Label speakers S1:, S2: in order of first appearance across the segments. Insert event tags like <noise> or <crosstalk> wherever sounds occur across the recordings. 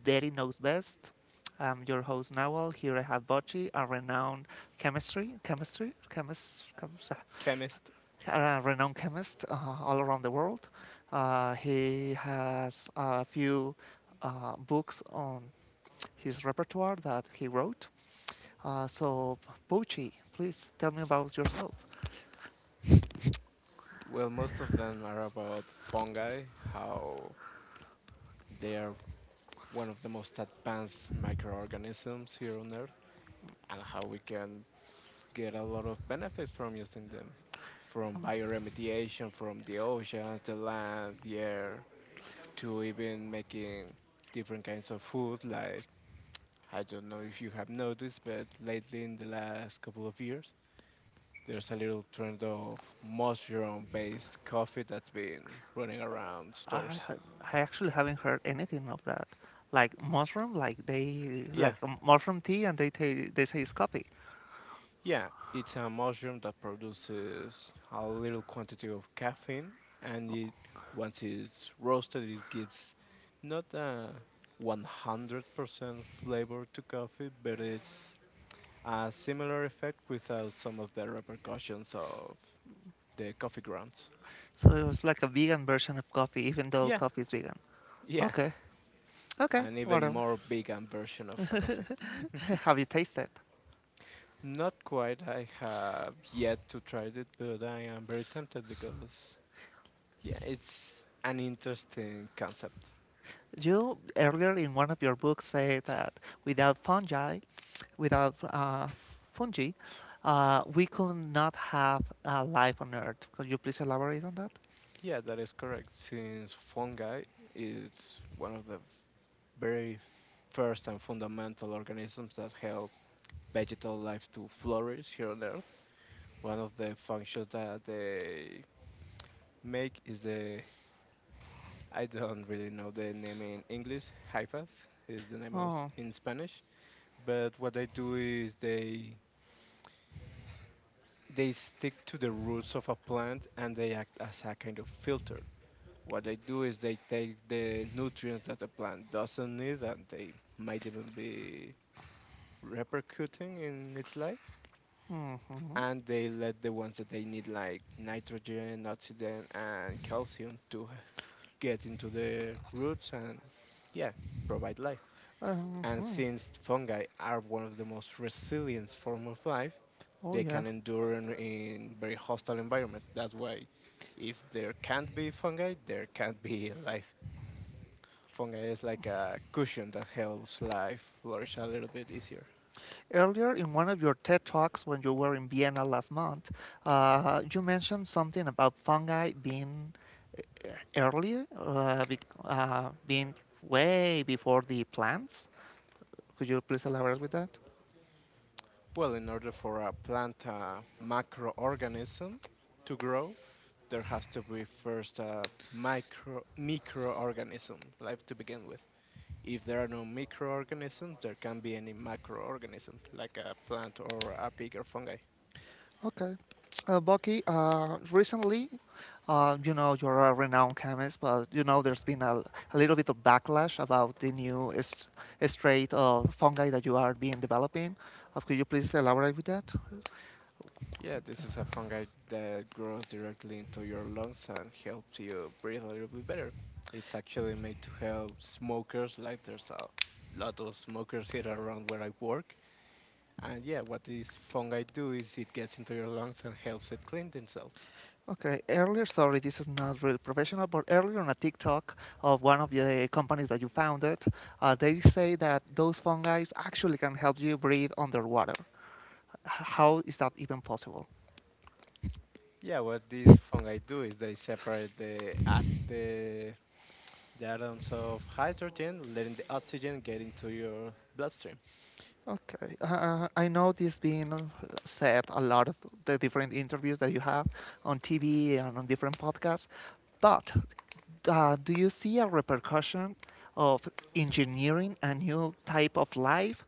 S1: Betty Knows Best. I'm your host Nawal. Here I have Bocci, a renowned chemist,
S2: Chemist.
S1: a renowned chemist all around the world. He has a few books on his repertoire that he wrote. Uh, so, Bocci, please tell me about yourself.
S2: Well, most of them are about fungi, how they are one of the most advanced microorganisms here on earth, and how we can get a lot of benefits from using them, from bioremediation, from the oceans, the land, the air, to even making different kinds of food. Like, I don't know if you have noticed, but lately in the last couple of years there's a little trend of mushroom based coffee that's been running around
S1: I
S2: stores.
S1: ha- I actually haven't heard anything of that. Like mushroom, like they
S2: Yeah,
S1: like a mushroom tea, and they say it's coffee.
S2: yeah, it's a mushroom that produces a little quantity of caffeine, and it once it's roasted, it gives not a 100% flavor to coffee, but it's a similar effect without some of the repercussions of the coffee grounds.
S1: So it was like a vegan version of coffee, even though
S2: Yeah,
S1: coffee is vegan.
S2: yeah,
S1: Okay, okay,
S2: an even
S1: whatever.
S2: more vegan version of a coffee.
S1: <laughs> Have you tasted?
S2: Not quite, I have yet to try it, but I am very tempted because, yeah, it's an interesting concept.
S1: You earlier in one of your books say that without fungi, without fungi, we could not have life on Earth. Could you please elaborate on that?
S2: Yeah, that is correct. Since fungi is one of the very first and fundamental organisms that help vegetal life to flourish here on Earth, one of the functions that they make is the— I don't really know the name in English. Hyphas is the name of
S1: Oh,
S2: in Spanish. But what they do is they stick to the roots of a plant and they act as a kind of filter. What they do is they take the nutrients that the plant doesn't need and they might even be repercuting in its life,
S1: hmm, hmm, hmm.
S2: and they let the ones that they need, like nitrogen, oxygen, and calcium, to get into the roots and, yeah, provide life. And
S1: Hmm.
S2: since fungi are one of the most resilient form of life,
S1: Oh
S2: they
S1: yeah.
S2: can endure in, very hostile environments. That's why if there can't be fungi, there can't be <laughs> life. Fungi is like a cushion that helps life flourish a little bit easier.
S1: Earlier in one of your TED Talks, when you were in Vienna last month, you mentioned something about fungi being uh, being way before the plants. Could you please elaborate with that?
S2: Well, in order for a plant, a macroorganism, to grow, there has to be first a microorganism life to begin with. If there are no microorganisms, there can be any macroorganism like a plant or a bigger fungi.
S1: Okay. Bucky, recently, you know, you're a renowned chemist, but you know, there's been a little bit of backlash about the strain of fungi that you are being developing. Could you please elaborate with that?
S2: Yeah, this is a fungi that grows directly into your lungs and helps you breathe a little bit better. It's actually made to help smokers. Like, there's a lot of smokers here around where I work. And yeah, what this fungi do is it gets into your lungs and helps it clean themselves.
S1: Okay, earlier, sorry, this is not really professional, but earlier on a TikTok of one of the companies that you founded, they say that those fungi actually can help you breathe underwater. How is that even possible?
S2: Yeah, what these fungi do is they separate the the atoms of hydrogen, letting the oxygen get into your bloodstream.
S1: Okay, I know this being said a lot of the different interviews that you have on TV and on different podcasts, but do you see a repercussion of engineering a new type of life.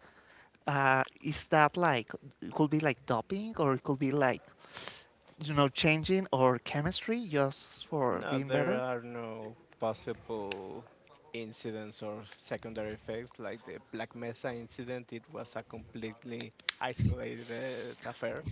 S1: Is that like it could be like doping or it could be like you know changing or chemistry just for
S2: No,
S1: being
S2: there
S1: better?
S2: are no possible incidents or secondary effects like the Black Mesa incident. It was a completely isolated affair.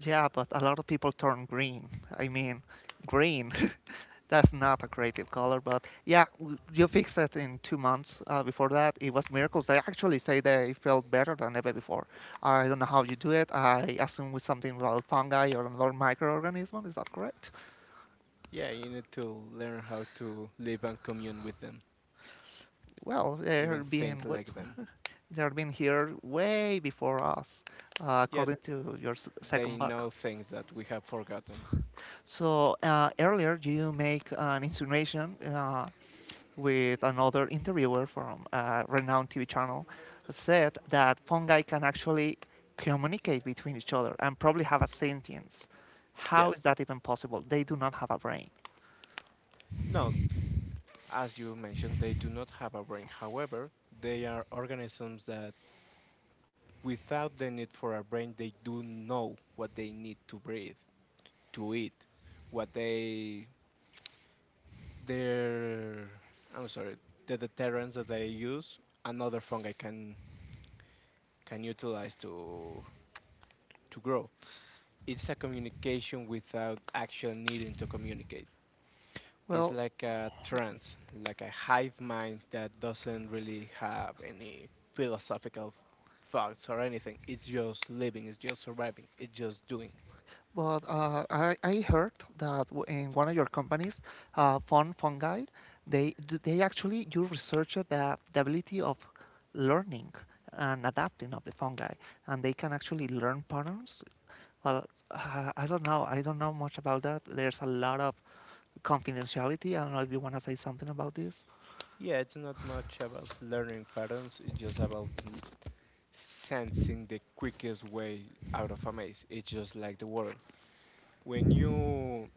S1: Yeah, but a lot of people turn green. I mean, green. <laughs> That's not a creative color, but yeah, you fix it in 2 months. Before that, it was miracles. They actually say they felt better than ever before. I don't know how you do it. I assume with something about fungi or another microorganism. Is that correct?
S2: Yeah, you need to learn how to live and commune with them,
S1: Well,
S2: even
S1: they're being
S2: think
S1: what?
S2: like them.
S1: They've been here way before us,
S2: Yet
S1: according to your
S2: they
S1: second
S2: know
S1: book.
S2: things that we have forgotten.
S1: So earlier you make an insinuation with another interviewer from a renowned TV channel said that fungi can actually communicate between each other and probably have a sentience.
S2: Yeah.
S1: How is that even possible? They do not have a brain.
S2: No, as you mentioned, they do not have a brain. However, they are organisms that without the need for a brain, they do know what they need. To breathe, to eat, what they— their— I'm sorry, the deterrents that they use another fungi can utilize to grow. It's a communication without actually needing to communicate. It's
S1: Well,
S2: like a trance, like a hive mind that doesn't really have any philosophical thoughts or anything. It's just living, it's just surviving, it's just doing.
S1: but I heard that in one of your companies, Fun Fungi, they actually you research the ability of learning and adapting of the fungi, and they can actually learn patterns. Well, I don't know. I don't know much about that. There's a lot of confidentiality. I don't know if you want to say something about this,
S2: Yeah, it's not much about learning patterns, it's just about sensing the quickest way out of a maze. It's just like the water. When you—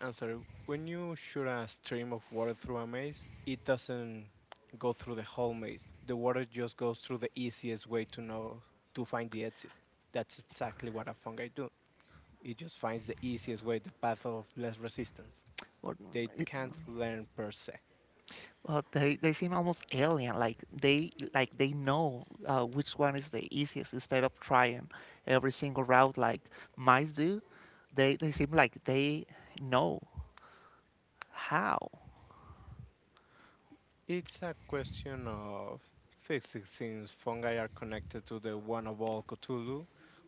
S2: I'm sorry, when you shoot a stream of water through a maze, it doesn't go through the whole maze. The water just goes through the easiest way to know, to find the exit. That's exactly what a fungi do. It just finds the easiest way, the path of less resistance.
S1: or
S2: They can't learn per se.
S1: well, they seem almost alien, like they know which one is the easiest instead of trying every single route like mice do. They seem like they know how.
S2: It's a question of physics, since fungi are connected to the one of all Cthulhu.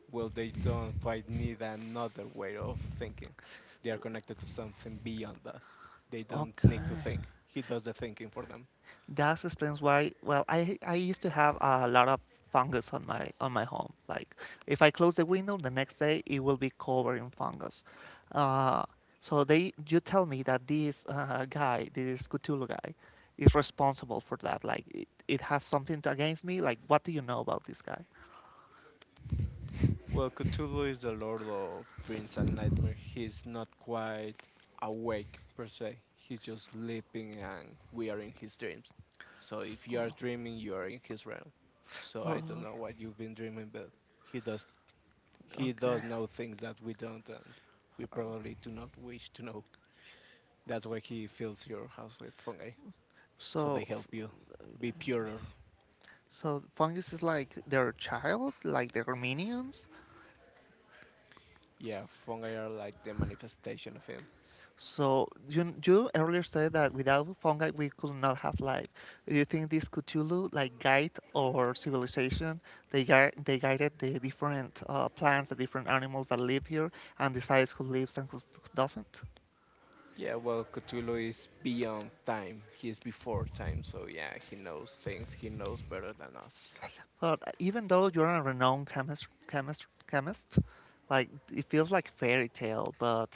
S2: Well, they don't quite need another way of thinking. They are connected to something beyond us. They don't need to
S1: Okay.
S2: think. He does the thinking for them.
S1: That explains why. Well, I used to have a lot of fungus on my home. Like if I close the window, the next day it will be covered in fungus. Uh, so they You tell me that this guy, this Cthulhu guy, is responsible for that. Like it has something against me. Like what do you know about this guy?
S2: Well, Cthulhu is the lord of dreams and nightmares. He's not quite awake per se. He's just sleeping and we are in his dreams. So
S1: S-
S2: if you are
S1: oh,
S2: dreaming, you are in his realm. So I don't
S1: Well,
S2: know what you've been dreaming, but he does he does
S1: okay.
S2: know things that we don't, and we
S1: Um,
S2: probably do not wish to know. That's why he fills your house with fungi, so they
S1: So f-
S2: help you be purer.
S1: so fungus is like their child, like their minions.
S2: Yeah, fungi are like the manifestation of him.
S1: So you earlier said that without fungi we could not have life. Do you think this Cthulhu like guide or civilization they guided the different plants, the different animals that live here, and decides who lives and who doesn't?
S2: Yeah, well, Cthulhu is beyond time. He is before time, so yeah, he knows things. He knows better than us.
S1: But even though you're a renowned chemist, like it feels like fairy tale. But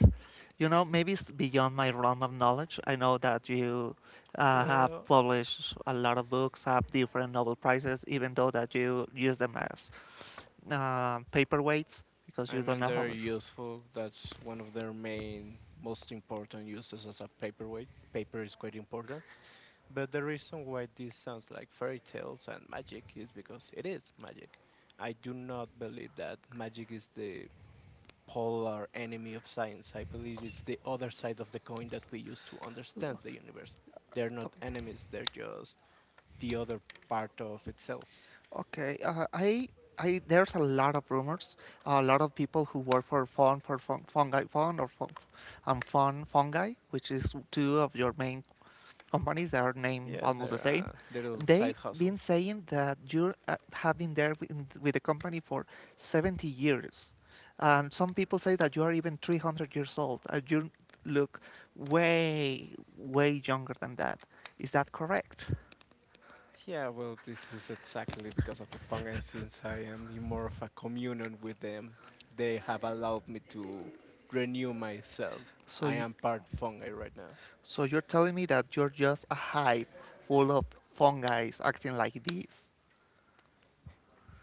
S1: you know, maybe it's beyond my realm of knowledge. I know that you have
S2: Well,
S1: published a lot of books, have different Nobel prizes, even though that you use them as paperweights because
S2: I
S1: you don't
S2: mean,
S1: know how.
S2: they're useful. That's one of their main, most important uses, as a paperweight. Paper is quite important. But the reason why this sounds like fairy tales and magic is because it is magic. I do not believe that magic is the polar enemy of science. I believe it's the other side of the coin that we use to understand the universe. They're not enemies, they're just the other part of itself.
S1: Okay, I, there's a lot of rumors, a lot of people who work for fun, fungi fun or fun, fun fungi, which is two of your main companies that are named
S2: Yeah,
S1: almost
S2: they're
S1: the same,
S2: a little
S1: they
S2: side
S1: have
S2: hustle.
S1: been saying that you have been there with the company for 70 years. And some people say that you are even 300 years old. You look way, way younger than that. Is that correct?
S2: Yeah, well, this is exactly because of the fungus. Since I am in more of a communion with them, they have allowed me to renew my cells.
S1: So,
S2: I am part fungi right now.
S1: so you're telling me that you're just a hive full of fungi acting like bees.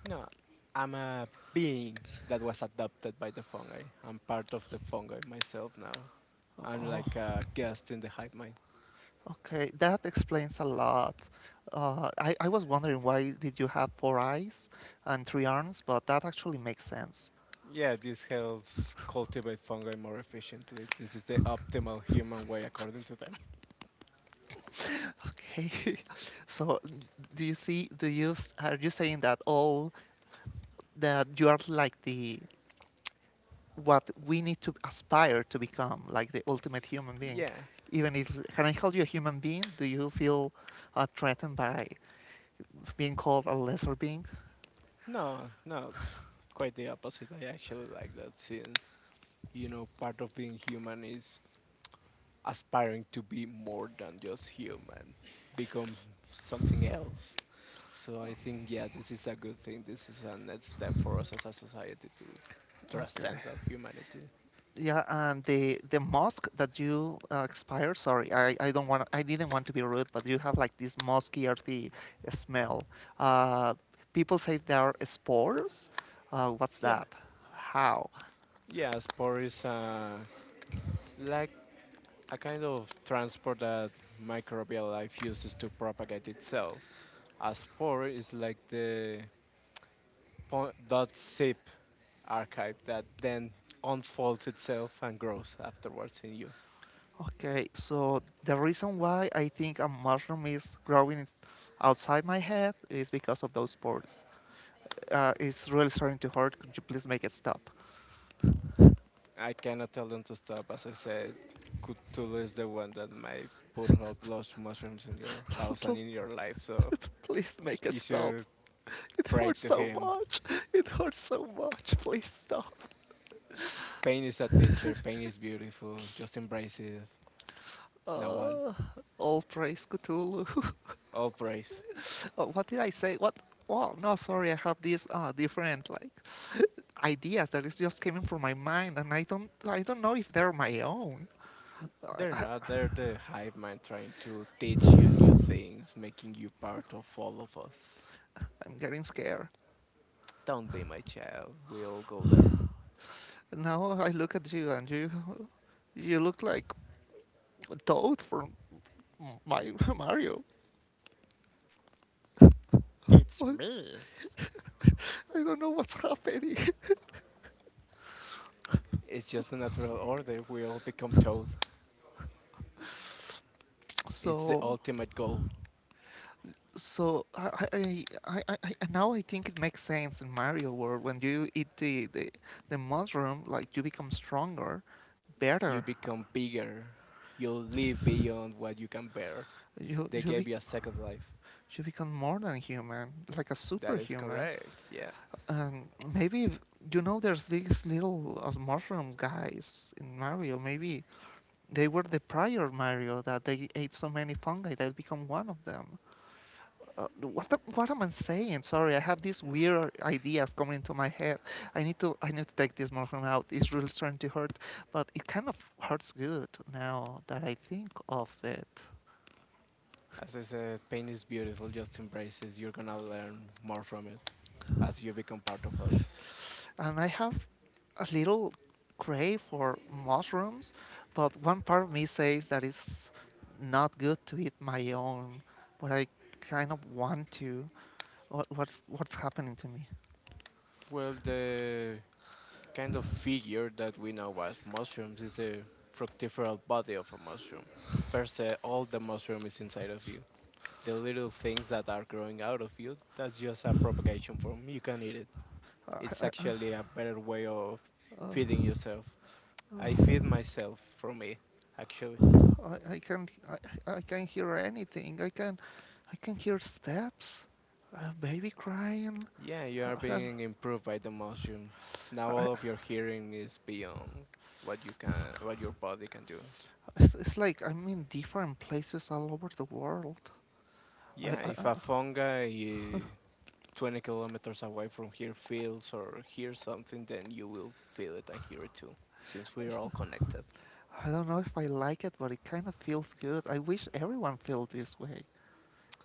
S2: No, I'm a being that was adopted by the fungi. I'm part of the fungi myself now. I'm
S1: Oh,
S2: like a guest in the hive mind.
S1: okay, that explains a lot. I was wondering why did you have four eyes and three arms, but that actually makes sense.
S2: Yeah, this helps cultivate fungi more efficiently. This is the optimal human way according to them. <laughs>
S1: <laughs> Okay, <laughs> so do you see, do you, s- are you saying that you are like what we need to aspire to become, like the ultimate human being?
S2: Yeah.
S1: Even if, can I call you a human being? Do you feel threatened by being called a lesser being?
S2: No, no. Quite the opposite. I actually like that since, you know, part of being human is aspiring to be more than just human, become something else. So I think, yeah, this is a good thing. This is a next step for us as a society to
S1: Okay.
S2: transcend our humanity.
S1: Yeah, and the mosque that you expire. Sorry, I don't want. I didn't want to be rude, but you have like this musky earthy smell. Uh, People say there are spores. What's
S2: Yeah.
S1: that? How?
S2: Yeah, sport is like a kind of transport that microbial life uses to propagate itself. A spore is like the point dot zip archive that then unfolds itself and grows afterwards in you.
S1: Okay, so the reason why I think a mushroom is growing outside my head is because of those spores. It's really starting to hurt. Could you please make it stop?
S2: I cannot tell them to stop. As I said, Cthulhu is the one that might put up lost mushrooms in your house and in
S1: <laughs>
S2: your life, so
S1: Please make it
S2: you
S1: stop.
S2: should
S1: It
S2: pray
S1: hurts
S2: to
S1: so
S2: him.
S1: much. It hurts so much. Please stop.
S2: Pain is a teacher, pain is
S1: <laughs>
S2: beautiful, just embrace it. Nawal,
S1: Uh, all praise Cthulhu.
S2: all praise.
S1: <laughs> Oh, what did I say? What? Oh no, sorry. I have these different like ideas that is just coming from my mind, and I don't know if they're my own. I, <sighs>
S2: They're
S1: I,
S2: not, they're the hive mind trying to teach you new things, making you part of all of us.
S1: I'm getting scared.
S2: Don't be my child, we all go there.
S1: Now I look at you, and you look like Toad from my Mario. <laughs>
S2: It's
S1: What?
S2: me.
S1: <laughs> I don't know what's happening.
S2: It's just a natural order. We all become toad.
S1: <laughs>
S2: It's the
S1: so
S2: ultimate goal.
S1: Now I think it makes sense in Mario World when you eat the mushroom, like you become stronger,
S2: You
S1: better.
S2: become bigger. You'll live beyond what you can bear.
S1: You
S2: They
S1: you
S2: gave
S1: be,
S2: you a second life.
S1: you become more than human, like a
S2: That is
S1: superhuman.
S2: correct. Yeah.
S1: And maybe if- you know there's these little mushroom guys in Mario. Maybe they were the prior Mario that they ate so many fungi that become one of them. Uh, what am I saying? Sorry, I have these weird ideas coming into my head. I need to take this morphine out. It's really starting to hurt, but it kind of hurts good now that I think of it.
S2: As I said, pain is beautiful. Just embrace it. You're gonna learn more from it as you become part of us.
S1: And I have a little crave for mushrooms, but one part of me says that it's not good to eat my own, but I kind of want to. What's happening to me?
S2: Well, the kind of figure that we know as mushrooms is the fructiferal body of a mushroom. Per se, all the mushroom is inside of you. The little things that are growing out of you, that's just a propagation form. You can eat it. It's
S1: Uh, uh,
S2: actually a better way of
S1: uh,
S2: feeding yourself.
S1: uh,
S2: I
S1: uh.
S2: feed myself from it, actually.
S1: I, I can I can hear anything. I can hear steps, a baby crying.
S2: Yeah, you are
S1: uh,
S2: being improved by the mushroom. Now
S1: uh, I,
S2: all of your hearing is beyond what you can— what your body can do.
S1: it's like I'm in different places all over the world. I,
S2: Yeah,
S1: I
S2: if
S1: uh,
S2: a fungi 20 kilometers away from here feels or hears something, then you will feel it and hear it too, since we are all connected.
S1: I don't know if I like it, but it kind of feels good. I wish everyone felt this way.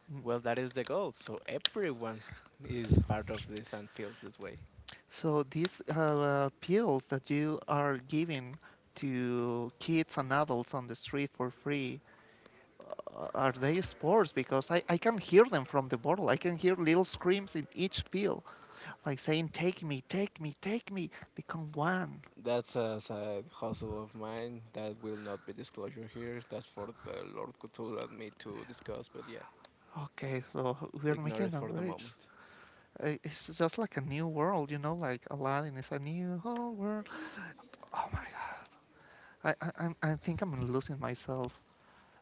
S1: N-
S2: Well, that is the goal. So everyone is part of this and feels this way.
S1: So these pills that you are giving to kids and adults on the street for free, are they sports? Because I can hear them from the bottle. I can hear little screams in each pill, like saying, take me, take me, take me, become one.
S2: That's a side hustle of mine that will not be disclosure here. That's for the Lord Cthulhu and me to discuss, but yeah,
S1: Okay, so we're
S2: ignore
S1: making
S2: it
S1: a
S2: for the
S1: bridge.
S2: moment.
S1: It's just like a new world, you know, like Aladdin is a new whole world. Oh my god, I, I, I think I'm losing myself.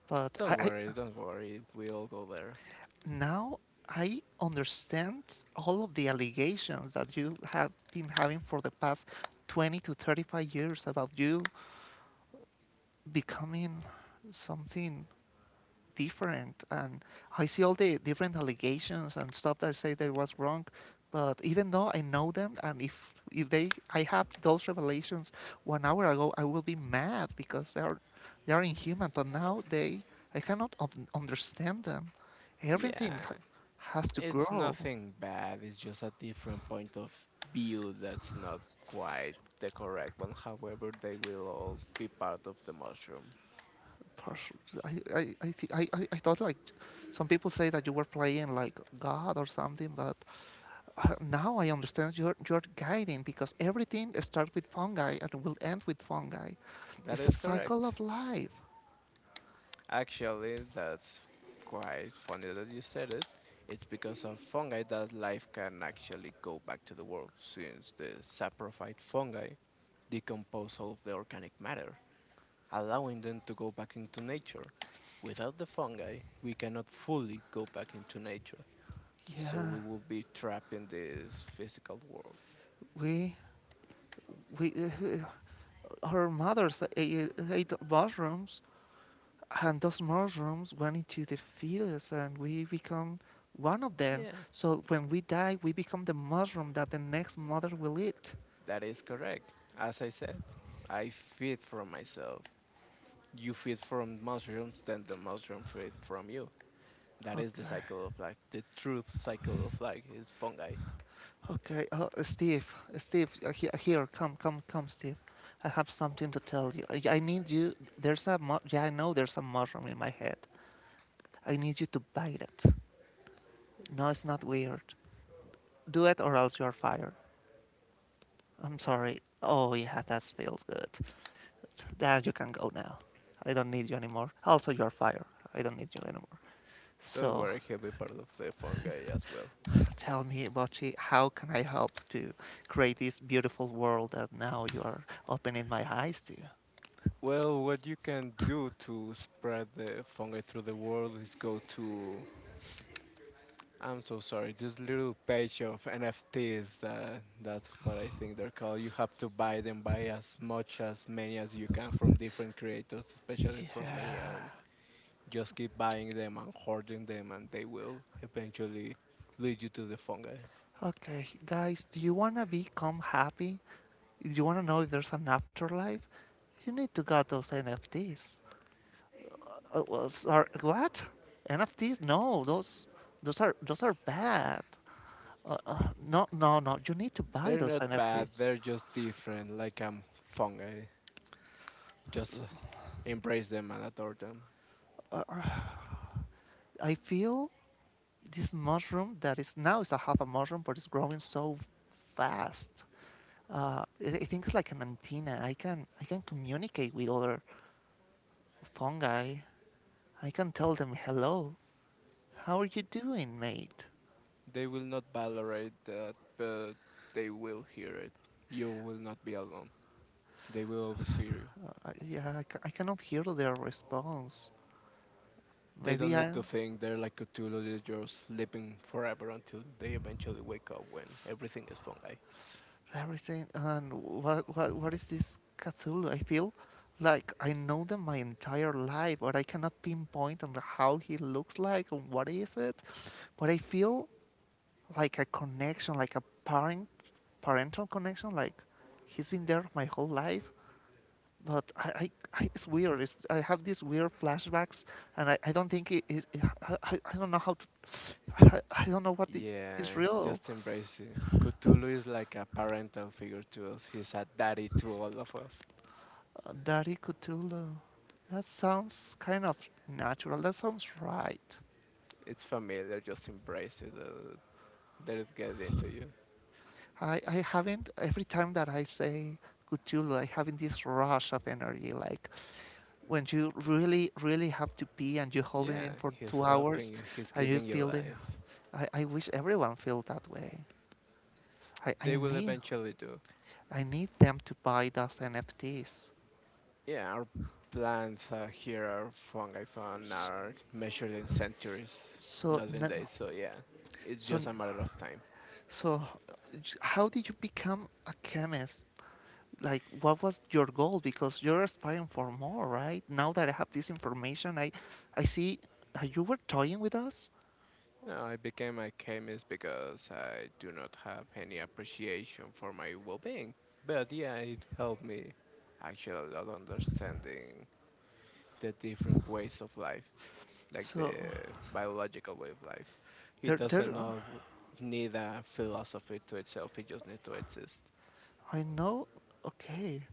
S1: But
S2: Don't
S1: I
S2: worry, don't worry, we all go there.
S1: now I understand all of the allegations that you have been having for the past 20 to 35 years about you becoming something different. And I see all the different allegations and stuff that say there was wrong. But even though I know them, and if they I have those revelations 1 hour ago, I will be mad because they are inhuman. But now they I cannot understand them. Everything ha-
S2: Yeah,
S1: has to
S2: it's
S1: grow.
S2: nothing bad, it's just a different point of view that's not quite the correct one. However, they will all be part of the mushroom.
S1: Pers- I, th- I thought like some people say that you were playing like God or something, but now I understand your guiding because everything starts with fungi and will end with fungi.
S2: That
S1: It's a
S2: is
S1: cycle
S2: correct.
S1: of life.
S2: Actually, that's quite funny that you said it. It's because of fungi that life can actually go back to the world, since the saprophyte fungi decompose all of the organic matter, allowing them to go back into nature. Without the fungi, we cannot fully go back into nature, so
S1: Yeah,
S2: we will be trapped in this physical world.
S1: we we our mothers ate mushrooms, and those mushrooms went into the fetus, and we become one of them.
S2: Yeah,
S1: So when we die, we become the mushroom that the next mother will eat.
S2: that is correct. As I said, I feed from myself. You feed from mushrooms, then the mushroom feed from you. That is the
S1: Okay,
S2: cycle of life. The truth cycle of life is fungi.
S1: okay, Steve, Steve, here, come, come, come, Steve. I have something to tell you. I need you. Yeah, I know there's a mushroom in my head. I need you to bite it. No, it's not weird. Do it or else you're fired. I'm sorry. Oh yeah, that feels good. There you can go now. I don't need you anymore. Also, you're fired. I don't need you anymore.
S2: Don't
S1: So,
S2: worry, he'll be part of the fungi as well.
S1: tell me, Bochi, how can I help to create this beautiful world that now you are opening my eyes to?
S2: Well, what you can do to spread the fungi through the world is go to— I'm so sorry. This little page of NFTs. That's what I think they're called. You have to buy them, buy as much as many as you can from different creators, especially from me,
S1: Yeah.
S2: and just keep buying them and hoarding them, and they will eventually lead you to the fungi.
S1: Okay, guys, do you want to become happy? Do you want to know if there's an afterlife? You need to get those NFTs. Sorry, what? NFTs? No, those are bad. No. You need to buy
S2: They're
S1: those
S2: not bad,
S1: NFTs.
S2: they're just different, like fungi. Just embrace them and adore them.
S1: Uh, uh, I feel this mushroom that is now is a half a mushroom, but it's growing so fast. I think it's like an antenna. I can communicate with other fungi. I can tell them hello. How are you doing, mate?
S2: They will not tolerate that, but they will hear it. You will not be alone. They will always hear you.
S1: Yeah, I cannot hear their response.
S2: They don't
S1: Maybe
S2: need
S1: I.
S2: to think, they're like Cthulhu, they're just sleeping forever until they eventually wake up when everything is fungi.
S1: Larry saying, and what is this Cthulhu? I feel like I know them my entire life, but I cannot pinpoint on how he looks like and what is it. But I feel like a connection, like a parental connection, like he's been there my whole life. But I it's weird. It's, I have these weird flashbacks, and I don't think it is. I don't know how to I don't know what the
S2: Yeah,
S1: Israel
S2: just embrace it. Cthulhu is like a parental figure to us. He's a daddy to all of us.
S1: Dari Cthulhu. That sounds kind of natural. That sounds right.
S2: It's familiar. Just embrace it. Let it get into you.
S1: I haven't every time that I say Cthulhu, I having this rush of energy. Like when you really, really have to pee and you hold it in
S2: Yeah,
S1: for
S2: he's
S1: two
S2: helping
S1: hours,
S2: you, he's
S1: and you
S2: giving you
S1: feel it.
S2: life.
S1: I wish everyone felt that way. I, I
S2: They will
S1: need
S2: eventually do.
S1: I need them to buy those NFTs.
S2: Yeah, our plants are here are fungi found
S1: S-
S2: are measured in centuries,
S1: So
S2: not in
S1: n-
S2: days, so yeah. It's
S1: so
S2: just
S1: n-
S2: a matter of time.
S1: so uh, how did you become a chemist? Like what was your goal, because you're aspiring for more. Right now that I have this information, I see you were toying with us.
S2: No, I became a chemist because I do not have any appreciation for my well being. But yeah, it helped me actually a lot understanding the different ways of life, like
S1: So
S2: the biological way of life. He
S1: there
S2: doesn't
S1: there
S2: know, need a philosophy to itself. He just needs to exist.
S1: I know. Okay,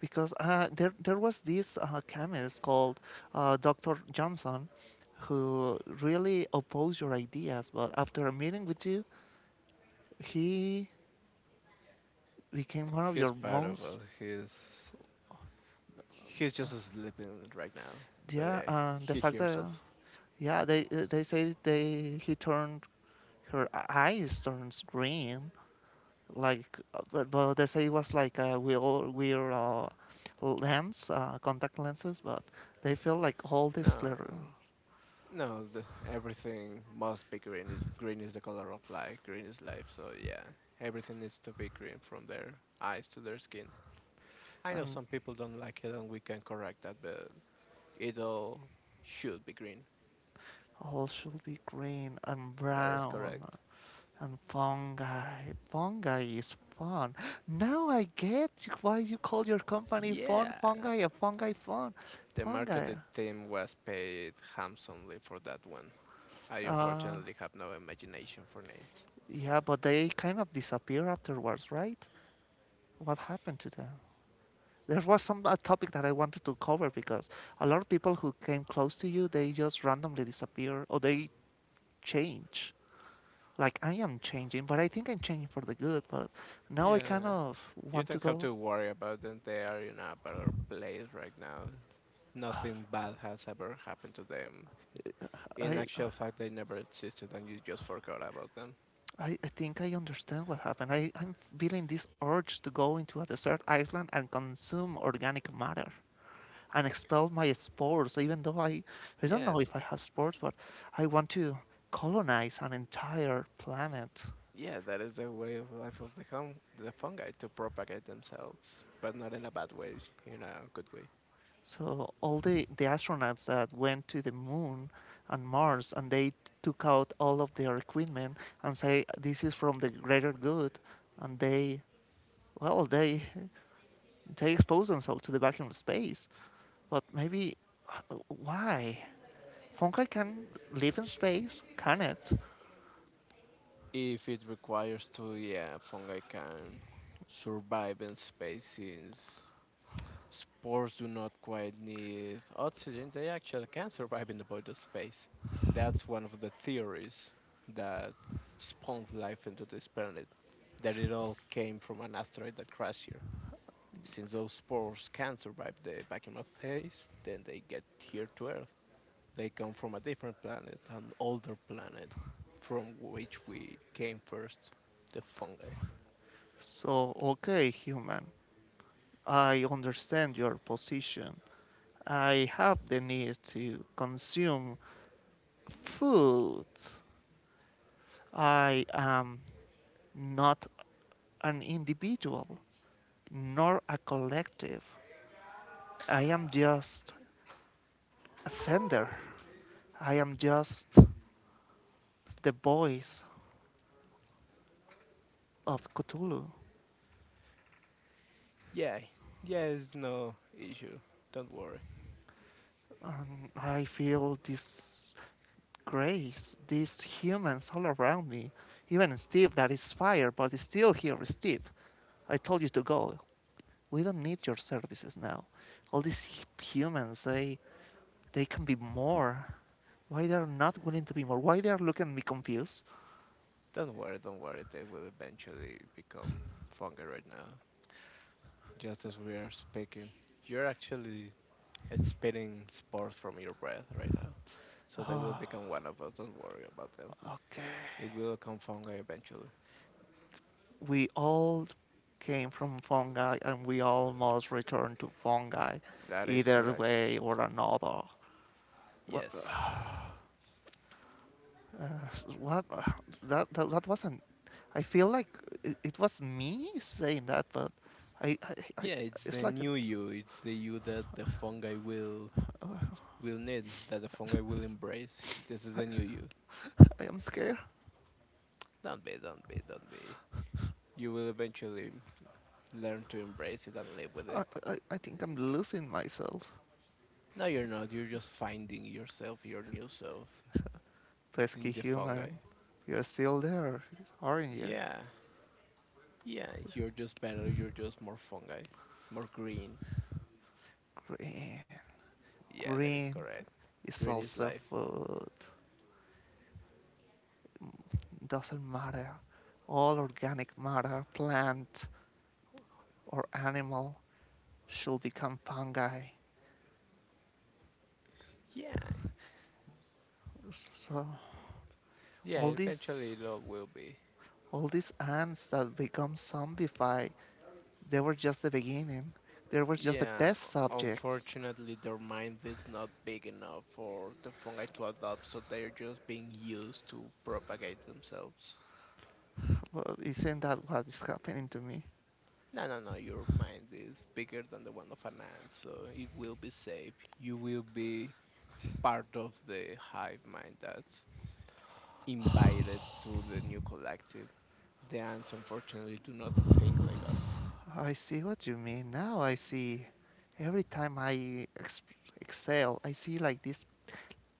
S1: because there was this chemist called Dr. Johnson, who really opposed your ideas, but after a meeting with you he became one of
S2: He's
S1: your
S2: part of
S1: most.
S2: us. He's just sleeping right now, but
S1: Yeah, and the
S2: he
S1: fact
S2: hears
S1: that,
S2: us.
S1: yeah, they say they he turned her eyes turns green, like but they say it was like we all wear lens contact lenses, but they feel like all this glitter.
S2: No, no, the, everything must be green. It- Green is the color of life. Green is life. So yeah, everything needs to be green from their eyes to their skin. I know
S1: And
S2: some people don't like it, and we can correct that, but it all should be green.
S1: all should be green and
S2: That is
S1: brown
S2: correct.
S1: and fungi. Fungi is fun. Now I get why you call your company fun
S2: Yeah.
S1: fungi, a fungi fun
S2: The
S1: fungi
S2: marketed team was paid handsomely for that one. I
S1: uh
S2: unfortunately have no imagination for names.
S1: yeah, but they kind of disappear afterwards, right? What happened to them? There was some a topic that I wanted to cover, because a lot of people who came close to you, they just randomly disappear or they change. Like I am changing, but I think I'm changing for the good. But now I kind
S2: Yeah.
S1: of
S2: You
S1: want to
S2: don't have
S1: go.
S2: to worry about them. They are in a better place right now. Nothing bad has ever happened to them. In
S1: I
S2: actual fact, they never existed and you just forgot about them.
S1: I think I understand what happened. I'm feeling this urge to go into a desert island and consume organic matter and expel my spores, even though I don't
S2: Yeah,
S1: know if I have spores, but I want to colonize an entire planet.
S2: yeah, that is the way of life of the fungi to propagate themselves, but not in a bad way, in a good way.
S1: So all the astronauts that went to the moon and Mars, and they took out all of their equipment and say this is from the greater good, and they, well, they <laughs> they expose themselves to the vacuum of space. But maybe why? Fungi can live in space, can it?
S2: If it requires to, yeah, fungi can survive in space since spores do not quite need oxygen. They actually can survive in the void of space. That's one of the theories that spawned life into this planet. That it all came from an asteroid that crashed here. Since those spores can survive the vacuum of space, then they get here to Earth. They come from a different planet, an older planet, from which we came first, the fungi.
S1: So okay, human, I understand your position. I have the need to consume food. I am not an individual nor a collective. I am just a sender. I am just the voice of Cthulhu.
S2: Yeah, yeah, it's no issue. Don't worry.
S1: And I feel this grace, these humans all around me. Even Steve, that is fire, but is still here, Steve. I told you to go. We don't need your services now. All these humans, they can be more. Why they're not willing to be more? Why they're looking at me confused?
S2: Don't worry. They will eventually become fungi right now. Just as we are speaking, you're actually expelling spores from your breath right now. So they will
S1: Oh,
S2: become one of us. Don't worry about them.
S1: okay.
S2: It will come fungi eventually.
S1: We all came from fungi and we all must return to fungi,
S2: That is
S1: either
S2: correct.
S1: way or another. What, <sighs>
S2: Yes.
S1: what, that wasn't, I feel like it was me saying that, but i, I, I
S2: Yeah, it's
S1: it's
S2: the
S1: like a,
S2: new you. It's the you that the fungi will
S1: <sighs> uh,
S2: will need, that the fungi will embrace. This is the new you.
S1: I am scared.
S2: Don't be. You will eventually learn to embrace it and live with
S1: I,
S2: it.
S1: I i think I'm losing myself.
S2: No, you're not. You're just finding yourself, your new self,
S1: Pesky
S2: in the fungi.
S1: human, you're still there, aren't you?
S2: Yeah, yeah. You're just better. You're just more fungi, more green.
S1: Green.
S2: Yeah, that is
S1: Green
S2: correct.
S1: is
S2: Green is
S1: also
S2: life.
S1: food. Doesn't matter. All organic matter, plant or animal, should become fungi.
S2: Yeah,
S1: So
S2: yeah.
S1: all these,
S2: Eventually, it all will be.
S1: all these ants that become zombified, they were just the beginning. They were just the
S2: Yeah,
S1: test subjects.
S2: unfortunately, their mind is not big enough for the fungi to adopt, so they're just being used to propagate themselves.
S1: Well, isn't that what is happening to me?
S2: No, no, no, your mind is bigger than the one of an ant, so it will be safe. You will be part of the hive mind that's invited to the new collective. The ants, unfortunately, do not think like us.
S1: I see what you mean. Now I see. Every time I exhale, I see like this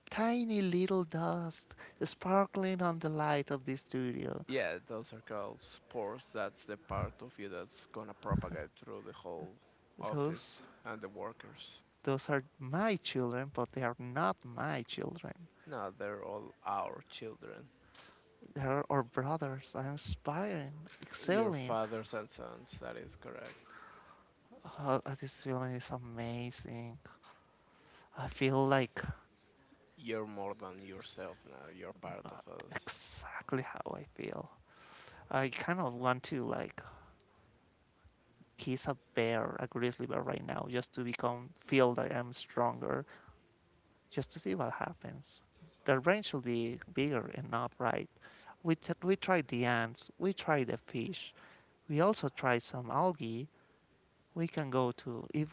S1: tiny little dust sparkling on the light of the studio.
S2: Yeah, those are called spores. That's the part of you that's gonna propagate through the whole office
S1: Those
S2: and the workers.
S1: Those are my children, but they are not my children.
S2: No, they're all our children.
S1: They are our brothers. I'm inspiring,
S2: Your
S1: excelling.
S2: fathers and sons, that is correct.
S1: Oh, this feeling is amazing. I feel like
S2: You're more than yourself now, you're part
S1: uh,
S2: of us.
S1: exactly how I feel. I kind of want to like kiss a bear, a grizzly bear right now, just to become feel that I'm stronger, just to see what happens. The brain should be bigger and not right. We tried the ants, we tried the fish, we also tried some algae. We can go to, if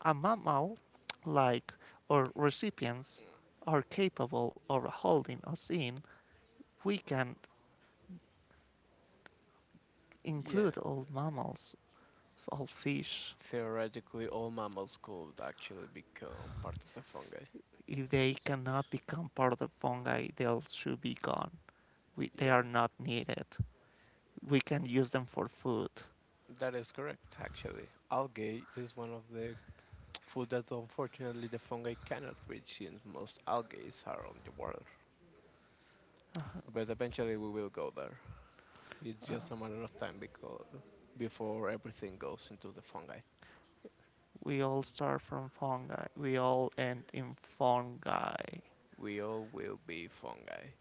S1: a mammal like or recipients are capable of holding or seeing, we can
S2: Yeah,
S1: include all mammals, all fish.
S2: theoretically, all mammals could actually become part of the fungi.
S1: If they
S2: S-
S1: cannot become part of the fungi, they should be gone. We, they
S2: Yeah,
S1: are not needed, we can use them for food.
S2: that is correct, actually. Algae is one of the food that unfortunately the fungi cannot reach since most algae are on the water. But eventually we will go there. It's
S1: uh,
S2: just a matter of time because before everything goes into the fungi.
S1: we all start from fungi, we all end in fungi.
S2: We all will be fungi.